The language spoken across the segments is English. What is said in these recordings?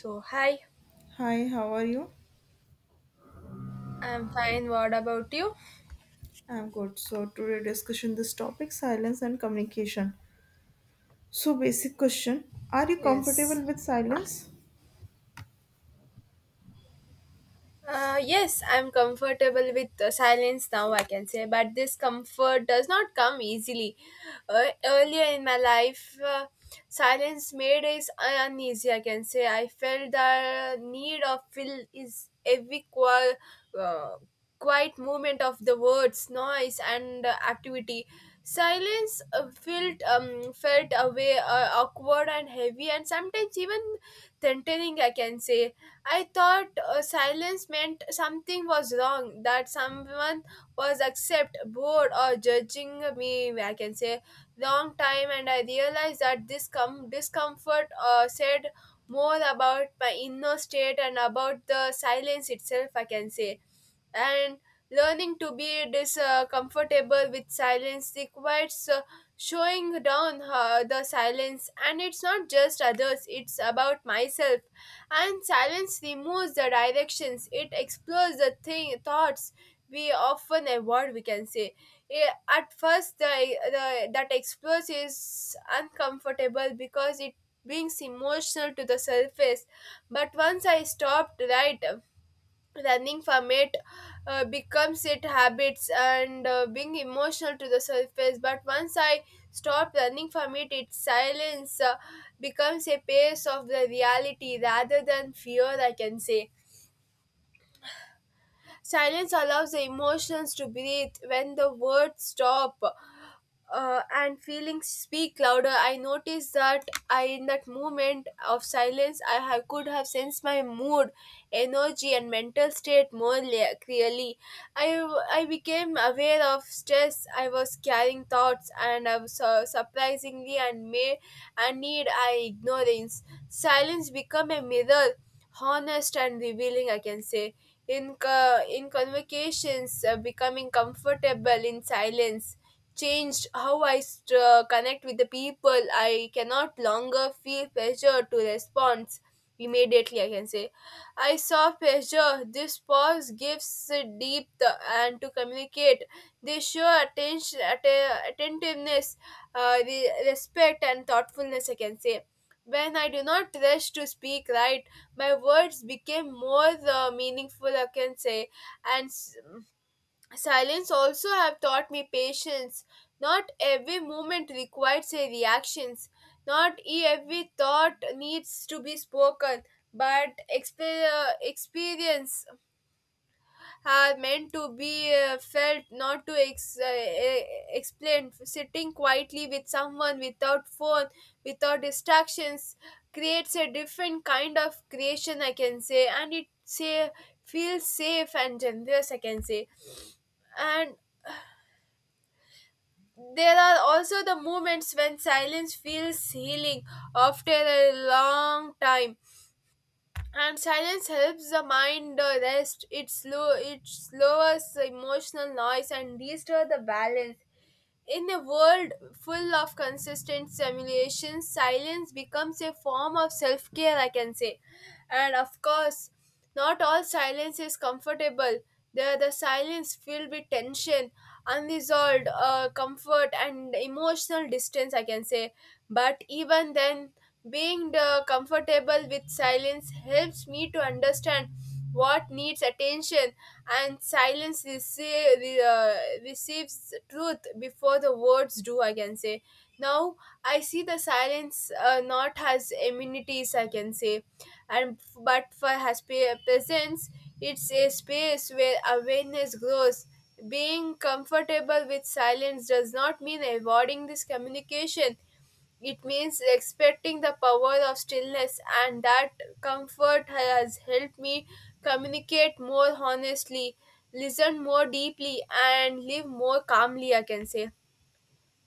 So, hi, Hi, how are you? I'm fine. What about you? I'm good. So today discussion this topic silence and communication. So basic question, are you comfortable Yes. with silence? Yes, I'm comfortable with silence now, I can say, but this comfort does not come easily. Earlier in my life, silence made us uneasy, I can say. I felt the need of fill is every uh, quiet movement of the words, noise, and activity. Silence felt felt away, awkward and heavy, and sometimes even threatening. I can say I thought silence meant something was wrong, that someone was upset, bored, or judging me, I can say, long time, and I realized that this discomfort said more about my inner state and about the silence itself, I can say, and learning to be discomfortable with silence requires showing down the silence, and it's not just others, it's about myself, and silence removes the directions, it explores the thing thoughts we often avoid, we can say. At first the that explores is uncomfortable because it brings emotional to the surface, but once I stopped, right, running from it, becomes it habits and being emotional to the surface, but once I stop running from it, its silence becomes a pace of the reality rather than fear, I can say. Silence allows the emotions to breathe when the words stop, and feelings speak louder. I noticed that in that moment of silence, could have sensed my mood, energy, and mental state more clearly. I, I became aware of stress I was carrying thoughts, and I was, surprisingly and may and need I ignorance. Silence become a mirror, honest and revealing. I can say. In convocations, becoming comfortable in silence changed how I connect with the people. I cannot longer feel pressure to respond immediately, I can say. I saw pressure. This pause gives depth and to communicate. They show attention, attentiveness, respect, and thoughtfulness, I can say. When I do not rush to speak right, my words became more meaningful, I can say, and s- Silence also have taught me patience. Not every movement requires a reaction. Not every thought needs to be spoken, but experience are meant to be felt, not to explained. Sitting quietly with someone without phone, without distractions, creates a different kind of creation, I can say, and it say feels safe and generous, I can say, and there are also the moments when silence feels healing after a long time, and silence helps the mind rest. It slow, it lowers the emotional noise and restore the balance. In a world full of consistent stimulation, silence becomes a form of self care, I can say. And of course, not all silence is comfortable. There are the silence filled with tension, unresolved comfort, and emotional distance, I can say. But even then, being the comfortable with silence helps me to understand what needs attention, and silence receives truth before the words do, I can say. Now I see the silence not has amenities, I can say, and but for has presence. It's a space where awareness grows. Being comfortable with silence does not mean avoiding this communication, it means expecting the power of stillness, and that comfort has helped me communicate more honestly, listen more deeply, and live more calmly. I can say.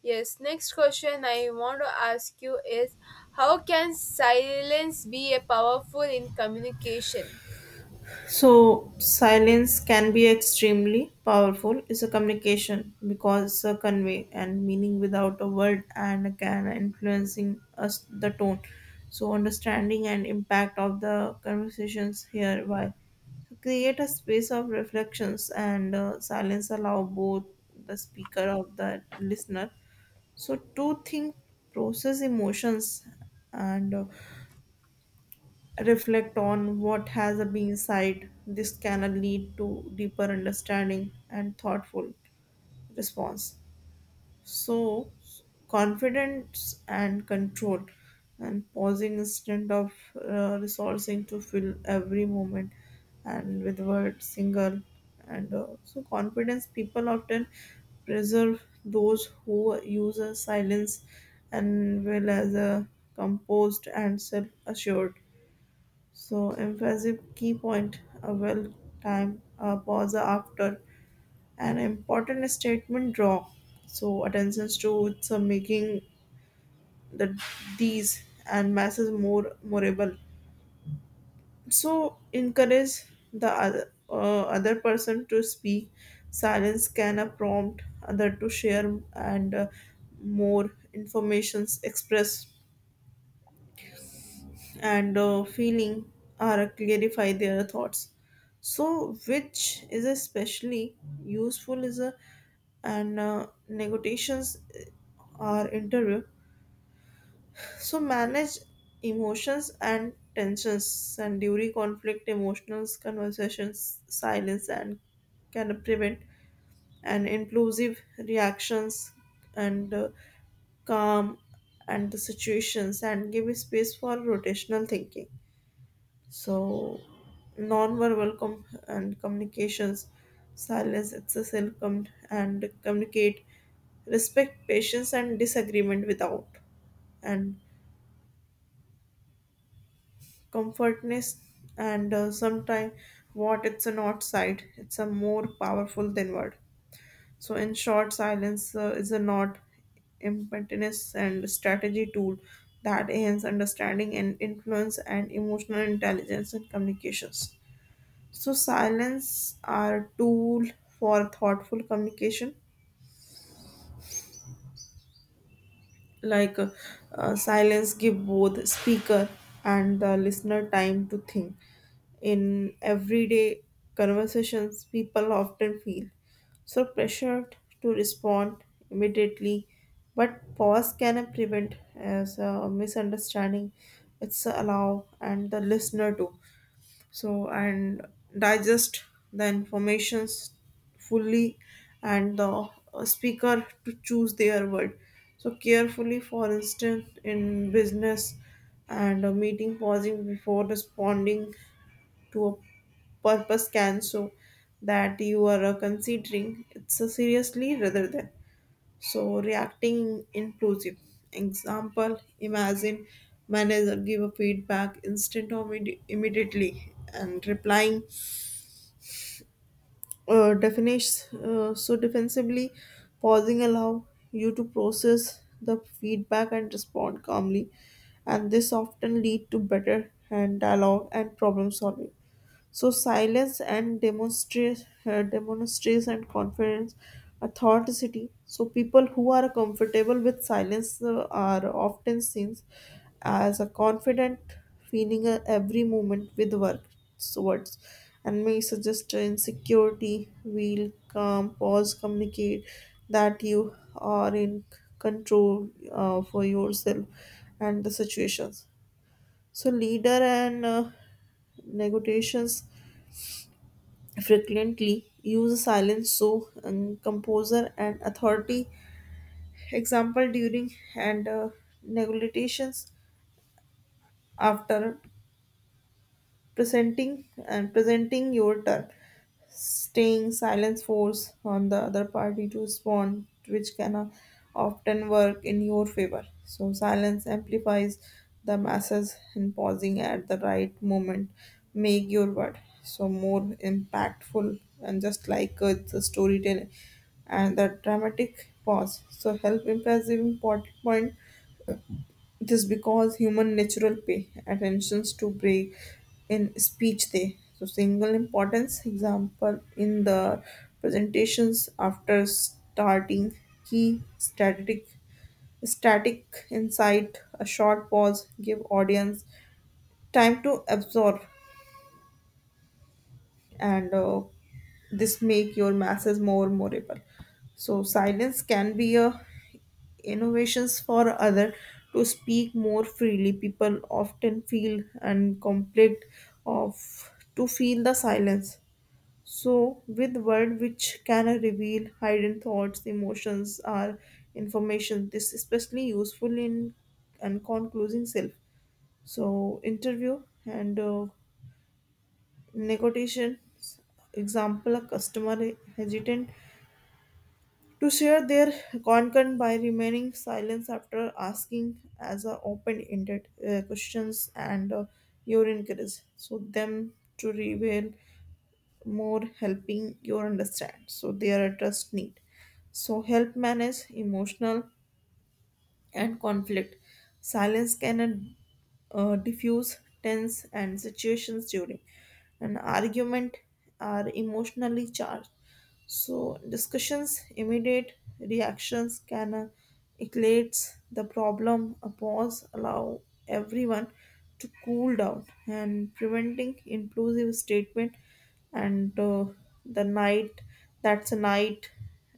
Yes, next question I want to ask you is how can silence be a powerful in communication? So, silence can be extremely powerful. It's a communication because a convey and meaning without a word and can influencing us the tone. So, understanding and impact of the conversations hereby so create a space of reflections and silence allow both the speaker of the listener so to think process emotions and reflect on what has been said. This can lead to deeper understanding and thoughtful response. So, confidence and control, and pausing instead of resourcing to fill every moment and with word single and so confidence people often preserve those who use a silence and well as a composed and self-assured. So, emphasis key point, a well time, a pause after, an important statement draw. So, attentions to it's a making the these and masses more memorable. So, encourage the other person to speak. Silence can a prompt other to share and more informations express and feeling or clarify their thoughts so which is especially useful is a and negotiations or interview so manage emotions and tensions and during conflict emotional conversations silence and can prevent and impulsive reactions and calm and the situations and give space for rotational thinking. So, nonverbal verbal com- and communications, silence, exercise, and communicate, respect, patience, and disagreement without, and comfortness, and sometimes what it's a not side, it's a more powerful than word. So, in short, silence is a not impertinence and strategy tool that enhance understanding and influence and emotional intelligence and communications. So silence are tool for thoughtful communication. Like uh, Silence give both speaker and the listener time to think. In everyday conversations, people often feel so pressured to respond immediately, but pause can prevent as a misunderstanding. It's allow and the listener too so and digest the informations fully and the speaker to choose their word so carefully, for instance in business and a meeting pausing before responding to a purpose can so that you are considering it's a seriously rather than so reacting inclusive. Example, imagine manager give a feedback instant or immediately and replying definish so defensively pausing allow you to process the feedback and respond calmly and this often lead to better and dialogue and problem solving. So silence and demonstrates and confidence, authenticity. So people who are comfortable with silence are often seen as a confident, feeling every moment with work so words, and may suggest insecurity, will, calm, pause, communicate that you are in control for yourself and the situations. So leader and negotiations frequently use silence so composer and authority, example during and negotiations after presenting your term staying silence force on the other party to respond, which can often work in your favor. So, silence amplifies the masses, and pausing at the right moment make your word so more impactful and just like the storytelling and the dramatic pause. So, help impressive important point this because human natural pay attentions to break in speech they. So single importance example in the presentations after starting key static insight a short pause give audience time to absorb and this make your masses more memorable. So silence can be a innovations for other to speak more freely, people often feel and conflict of to feel the silence so with word which can reveal hidden thoughts emotions or information, this especially useful in and concluding self so interview and negotiations, example a customer hesitant to share their content by remaining silent after asking as a open-ended questions and your encourage so them to reveal more helping you understand so their trust need. So help manage emotional and conflict, silence can diffuse tense and situations during an argument are emotionally charged so, discussions, immediate reactions can escalate the problem. A pause allow everyone to cool down and preventing impulsive statement and the night that's a night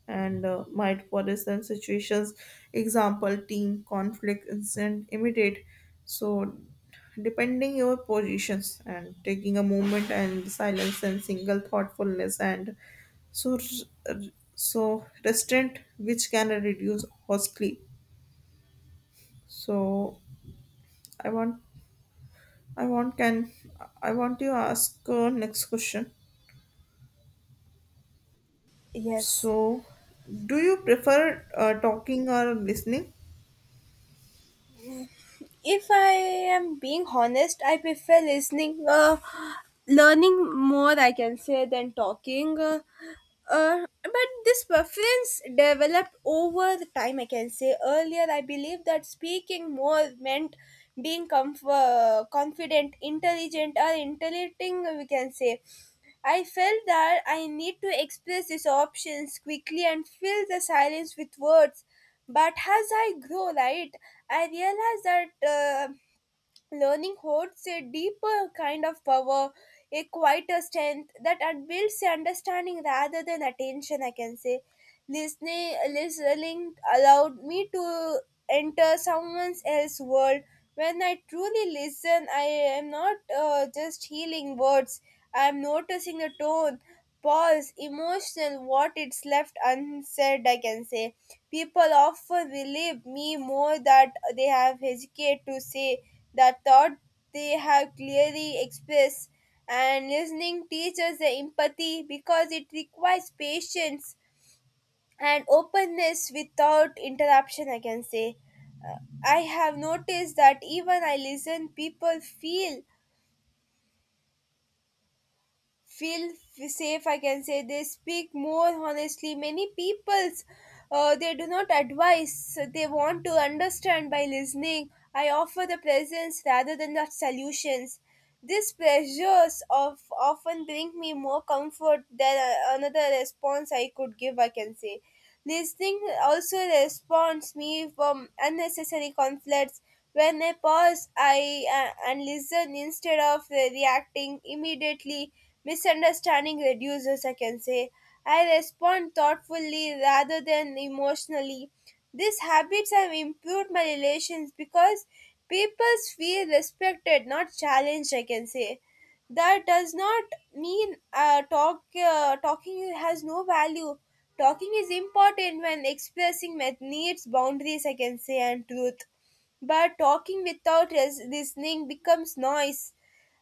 and might for instance situations, example team conflict incident immediate so depending your positions and taking a moment and silence and single thoughtfulness and so r- so restaurant which can reduce costly. So i want i want can I want to ask next question, Yes. so do you prefer talking or listening? If I am being honest, I prefer listening, learning more, I can say, than talking. But this preference developed over the time, I can say. Earlier, I believe that speaking more meant being confident, intelligent, or intellecting, we can say. I felt that I need to express these options quickly and fill the silence with words. But as I grow, right, I realize that learning holds a deeper kind of power, a quieter strength that builds understanding rather than attention, I can say. Listening allowed me to enter someone else's world. When I truly listen, I am not just healing words, I am noticing the tone, pause, emotional, what it's left unsaid, I can say. People often believe me more that they have hesitate to say the thought they have clearly expressed, and listening teaches the empathy because it requires patience and openness without interruption, I can say. I have noticed that even I listen, people feel safe, I can say. They speak more honestly. Many peoples they do not advise, they want to understand. By listening, I offer the presence rather than the solutions. These pressures of often bring me more comfort than another response I could give, I can say. Listening also responds me from unnecessary conflicts. When I pause, I and listen instead of reacting immediately, misunderstanding reduces. I can say I respond thoughtfully rather than emotionally. These habits have improved my relations because people feel respected, not challenged. I can say that does not mean talking has no value. Talking is important when expressing my needs, boundaries, I can say, and truth, but talking without listening becomes noise,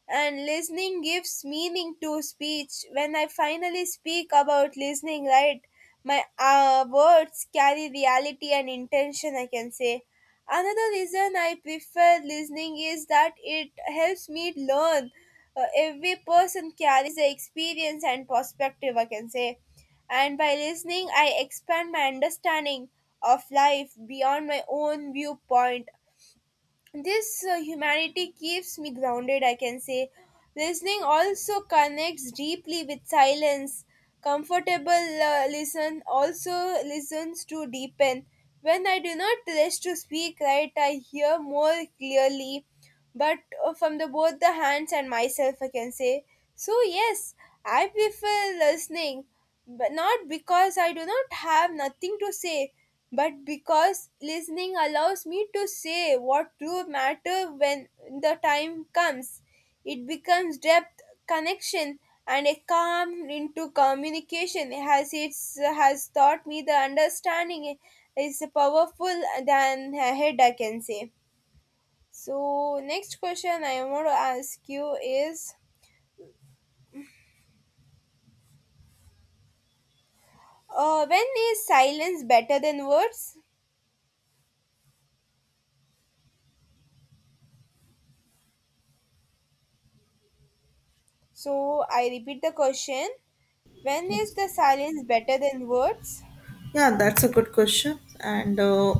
and listening gives meaning to speech. When I finally speak about listening, right, my words carry reality and intention, I can say. Another reason I prefer listening is that it helps me learn. Every person carries their experience and perspective, I can say, and by listening I expand my understanding of life beyond my own viewpoint. This humanity keeps me grounded, I can say. Listening also connects deeply with silence, comfortable uh, listen also listens to deepen. When I do not rush to speak right, I hear more clearly, but from the both the hands and myself, I can say. So yes, I prefer listening, but not because I do not have nothing to say, but because listening allows me to say what do matter when the time comes. It becomes depth, connection, and a calm into communication has its has taught me the understanding is powerful than a head, I can say. So, next question I want to ask you is when is silence better than words? So, I repeat the question, when is the silence better than words? Yeah, that's a good question and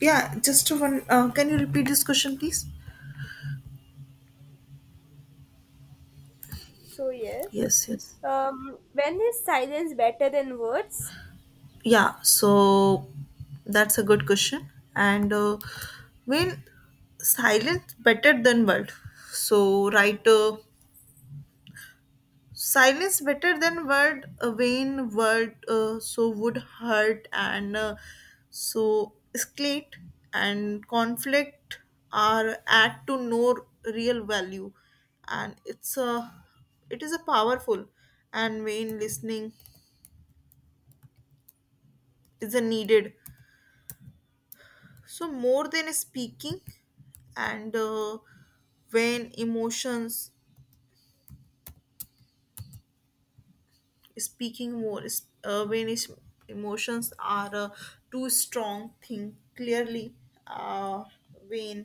yeah just one can you repeat this question please? So, yes. Yes, yes. When is silence better than words? Yeah, so that's a good question. And When silence better than word. So right, silence better than word. A vain word so would hurt and so escalate and conflict are add to no real value, and it is a powerful and when listening is a needed. So more than speaking and when emotions speaking more when is emotions are too strong think clearly, uh, when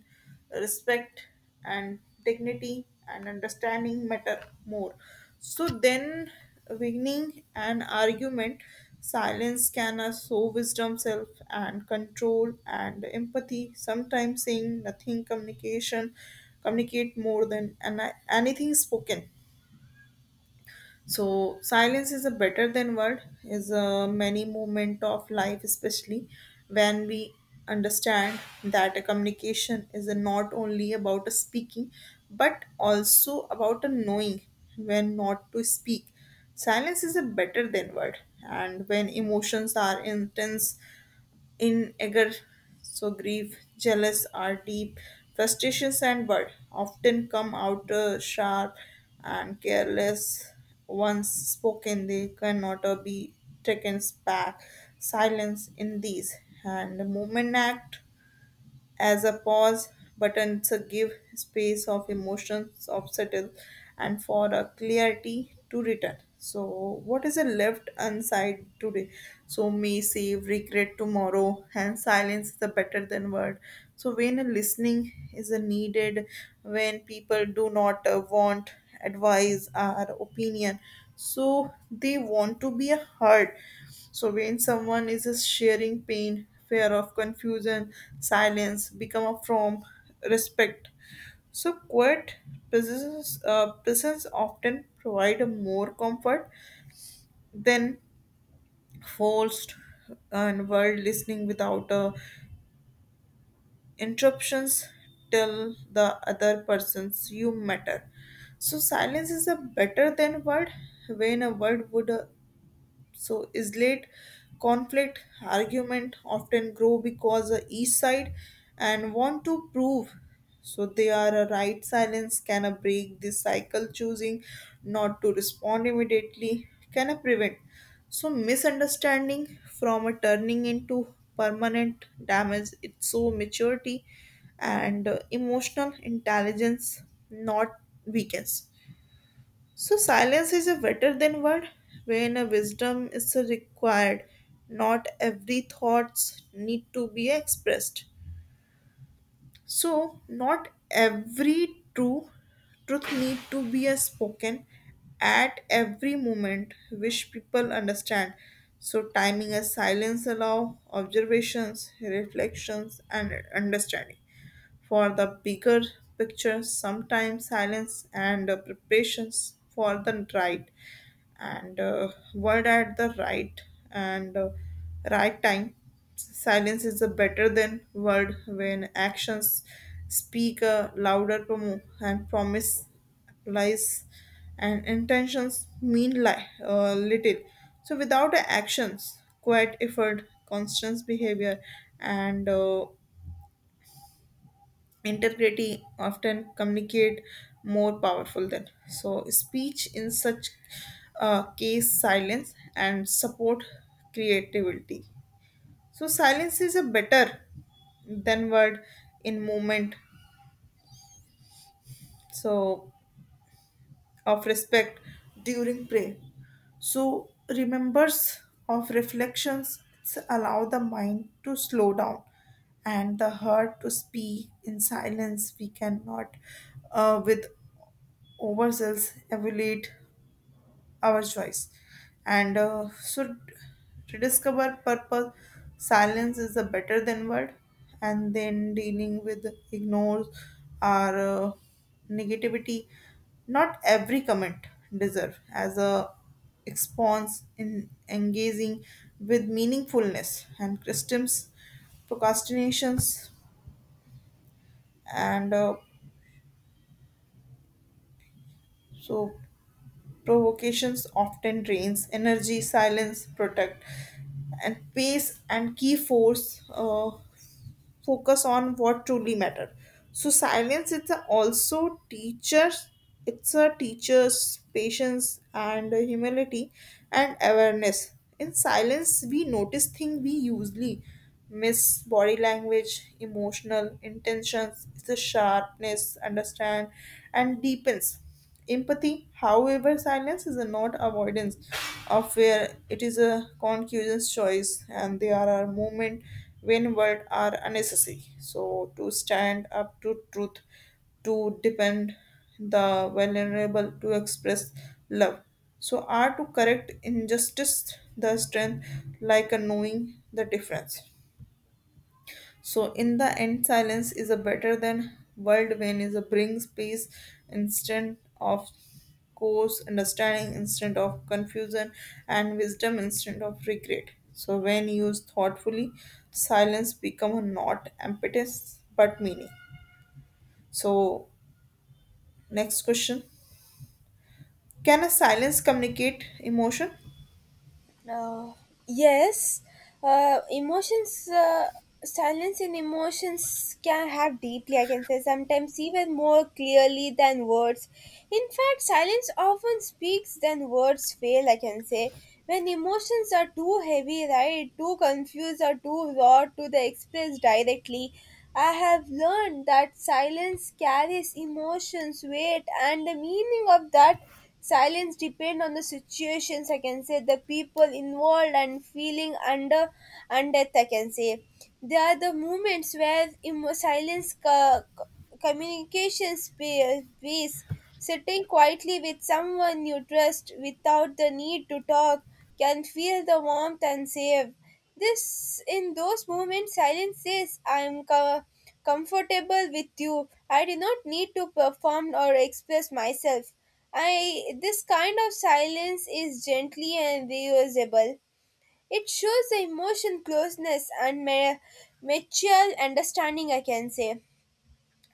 respect and dignity and understanding matter more so then winning an argument silence can show wisdom self and control and empathy, sometimes saying nothing communication communicate more than anything spoken. So silence is a better than word is a many moment of life especially when we understand that a communication is a not only about a speaking but also about a knowing when not to speak. Silence is a better than word and when emotions are intense, in anger so grief jealous are deep frustrations and but often come out sharp and careless, once spoken they cannot be taken back. Silence in these and the moment act as a pause button to give space of emotions of settle and for a clarity to return. So what is a left unsaid today so may save regret tomorrow, and silence is the better than word so when a listening is a needed, when people do not want advice or opinion so they want to be heard. So when someone is sharing pain, fear of confusion, silence become a form respect. So quiet presence often provide a more comfort than forced and word, listening without interruptions till the other person's you matter. So silence is a better than word when a word would so is late, conflict argument often grow because the east side and want to prove so they are a right. Silence can a break this cycle, choosing not to respond immediately can a prevent so misunderstanding from a turning into permanent damage, it's so maturity and emotional intelligence not weakness. So silence is a better than word when a wisdom is required. Not every thoughts need to be expressed. So not every true truth need to be a spoken at every moment which people understand. So timing a silence allow observations, reflections and understanding for the bigger picture. Sometimes silence and preparations for the right and word at the right and right time. Silence is a better than word when actions speak a louder promo and promise lies and intentions mean little. So without actions, quiet effort, constant behavior, and integrity often communicate more powerful than so speech, in such case silence and support creativity. So silence is a better than word in movement so of respect during prayer. So remembers of reflections allow the mind to slow down and the heart to speak in silence. We cannot with overzealous evaluate our choice and so rediscover purpose. Silence is a better than word and then dealing with ignores or negativity, not every comment deserve as a response in engaging with meaningfulness and christians procrastinations and so provocations often drains energy, silence, protect, and pace and key force focus on what truly matter. So silence is a also teachers. It's a teacher's patience and humility and awareness. In silence, we notice things we usually miss body language, emotional intentions, it's a sharpness, understand, and deepens. Empathy, however, silence is not avoidance of fear. It is a conscious choice, and there are moments when words are unnecessary. So to stand up to truth, to defend the vulnerable, to express love. So are to correct injustice, the strength, like a knowing the difference. So in the end, silence is a better than whirlwind is a brings peace instant of course, understanding instant of confusion, and wisdom instant of regret. So when used thoughtfully, silence become not emptiness but meaning. So next question: can a silence communicate emotion? Uh, yes, uh, emotions, uh, silence in emotions can have deeply, I can say, sometimes even more clearly than words. In fact, silence often speaks than words fail, I can say. When emotions are too heavy, right, too confused, or too raw to the express directly, I have learned that silence carries emotions, weight, and the meaning of that silence depend on the situations, I can say, the people involved and feeling under under, I can say. They are the moments where silence communication space. Sitting quietly with someone you trust without the need to talk can feel the warmth and safe. This in those moments, silence says, "I am comfortable with you. I do not need to perform or express myself." I this kind of silence is gently and reusable. It shows the emotion closeness and mutual understanding. I can say.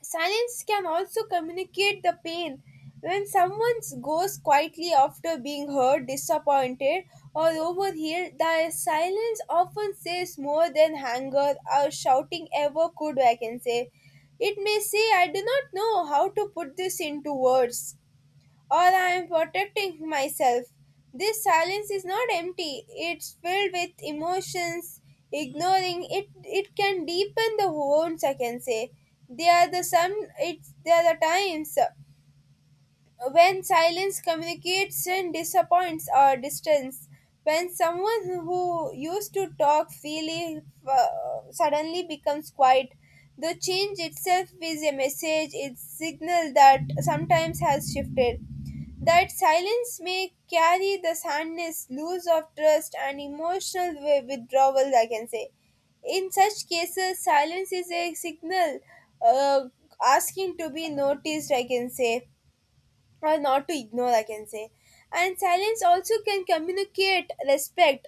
Silence can also communicate the pain. When someone goes quietly after being hurt, disappointed, or overheard, the silence often says more than anger or shouting ever could, I can say. It may say, I do not know how to put this into words, or I am protecting myself. This silence is not empty, it's filled with emotions. Ignoring it, it can deepen the wounds, I can say. They are the times when silence communicates and disappoints or distance, when someone who used to talk freely suddenly becomes quiet, the change itself is a message. It's signal that sometimes has shifted, that silence may carry the sadness, loss of trust, and emotional withdrawal, I can say. In such cases silence is a signal, uh, asking to be noticed, I can say, or not to ignore, I can say. And silence also can communicate respect.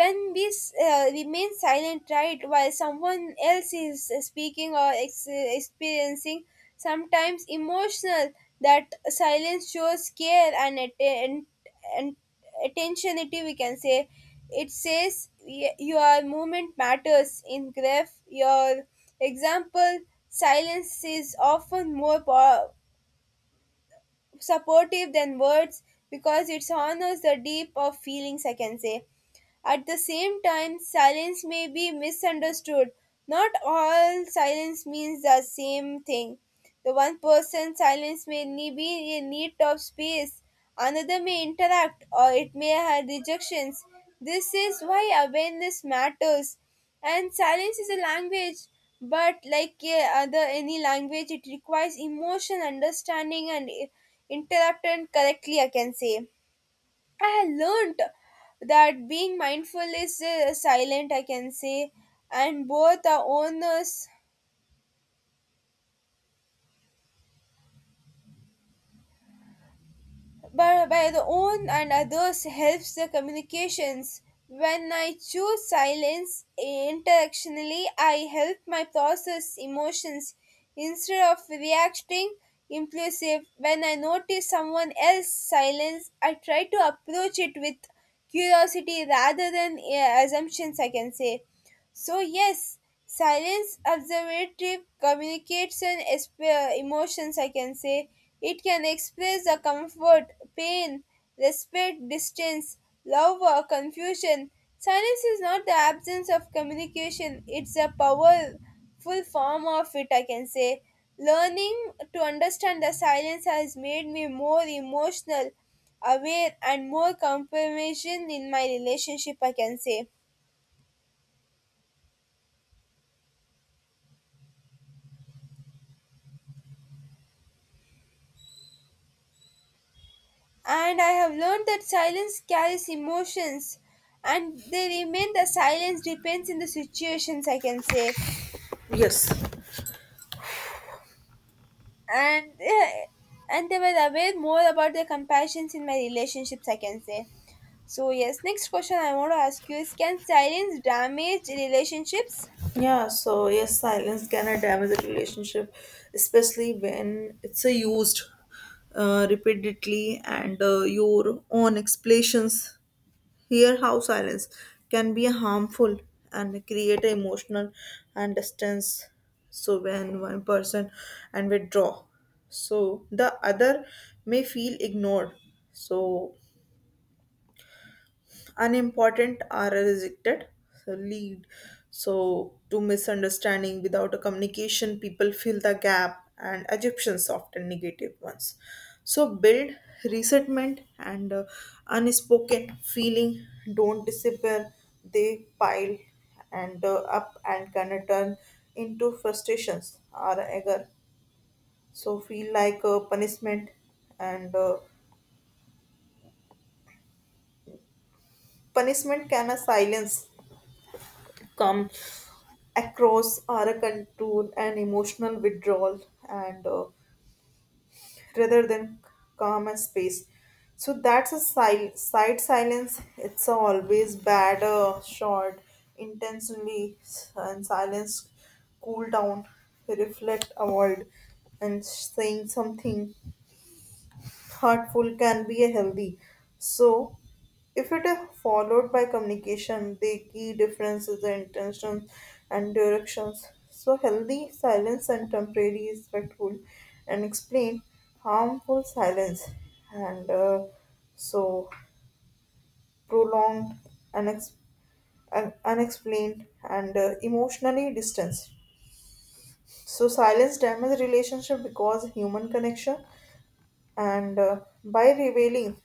When we remain silent, right, while someone else is speaking or experiencing sometimes emotional, that silence shows care and, and attentionity, we can say. It says your movement matters. In grief, your example, silence is often more supportive than words, because it honors the deep of feelings, I can say. At the same time, silence may be misunderstood. Not all silence means the same thing. The one person's silence may be in need of space, another may interact, or it may have rejections. This is why awareness matters. And silence is a language, but like other any language, it requires emotion, understanding, and interrupt and correctly, I can say. I learned that being mindful is silent, I can say, and both our owners, but by the own and others helps the communications. When I choose silence interactionally, I help my process emotions instead of reacting impulsive. When I notice someone else's silence, I try to approach it with curiosity rather than assumptions, I can say. So, yes, silence observative communicates and emotions, I can say. It can express the comfort, pain, respect, distance, love, or confusion. Silence is not the absence of communication, it's a powerful form of it, I can say. Learning to understand the silence has made me more emotional, aware, and more compassion in my relationship, I can say. And I have learned that silence carries emotions, and they remain the silence depends in the situations, I can say. Yes, And and they were aware more about their compassions in my relationships, I can say. So yes, next question I want to ask you is can silence damage relationships? yeah, so yes, silence can damage a relationship, especially when it's a used repeatedly and your own explanations. Hear how silence can be harmful and create emotional and distance. So when one person and withdraw, so the other may feel ignored. So unimportant are rejected so lead so to misunderstanding, without a communication people fill the gap and assumptions often negative ones so build resentment and unspoken feeling don't disappear, they pile and up and can turn into frustrations or anger so feel like a punishment and punishment can a silence come across are a control and emotional withdrawal and rather than calm and space. So that's a side silence, it's a always bad short intensely and silence cool down reflect avoid and saying something thoughtful can be a healthy. So, if it is followed by communication, the key difference is the intentions and directions. So, healthy silence and temporary is respectful and explain harmful silence and so prolonged unex- unexplained and emotionally distanced. So, silence damages relationship because human connection and by revealing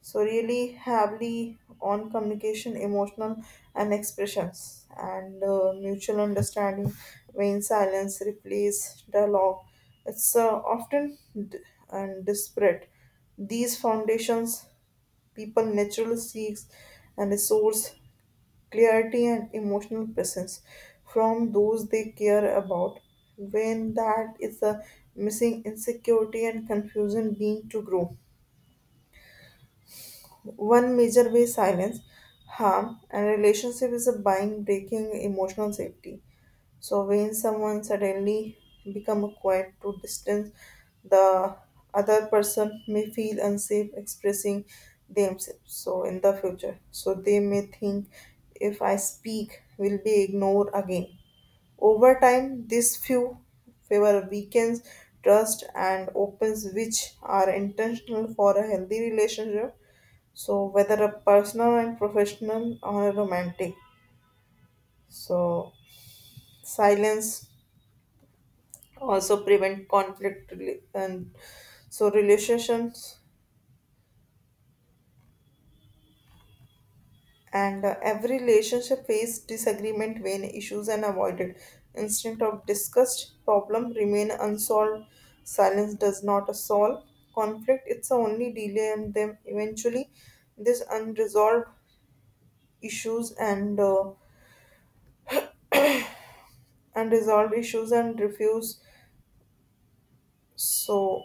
so really heavily on communication emotional and expressions and mutual understanding, when silence replaces dialogue it's often d- and disparate these foundations, people naturally seeks and resource clarity and emotional presence from those they care about, when that is a missing insecurity and confusion being to grow. One major way silence, harm, and relationship is a buying breaking emotional safety. So when someone suddenly become quiet to distance, the other person may feel unsafe expressing themselves. So in the future, so they may think if I speak, will be ignored again. Over time, this few favor weakens trust and opens, which are intentional for a healthy relationship. So, whether a personal and professional or a romantic, so silence also prevent conflict and so relationships and every relationship face disagreement, when issues and avoided instead of discussed problem remain unsolved, silence does not solve conflict, it's only delay and them eventually. This unresolved issues and unresolved issues and refuse. So,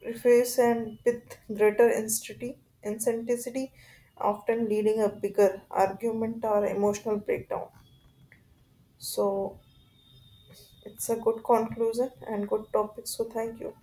preface and with greater intensity, often leading a bigger argument or emotional breakdown. So, it's a good conclusion and good topic. So, thank you.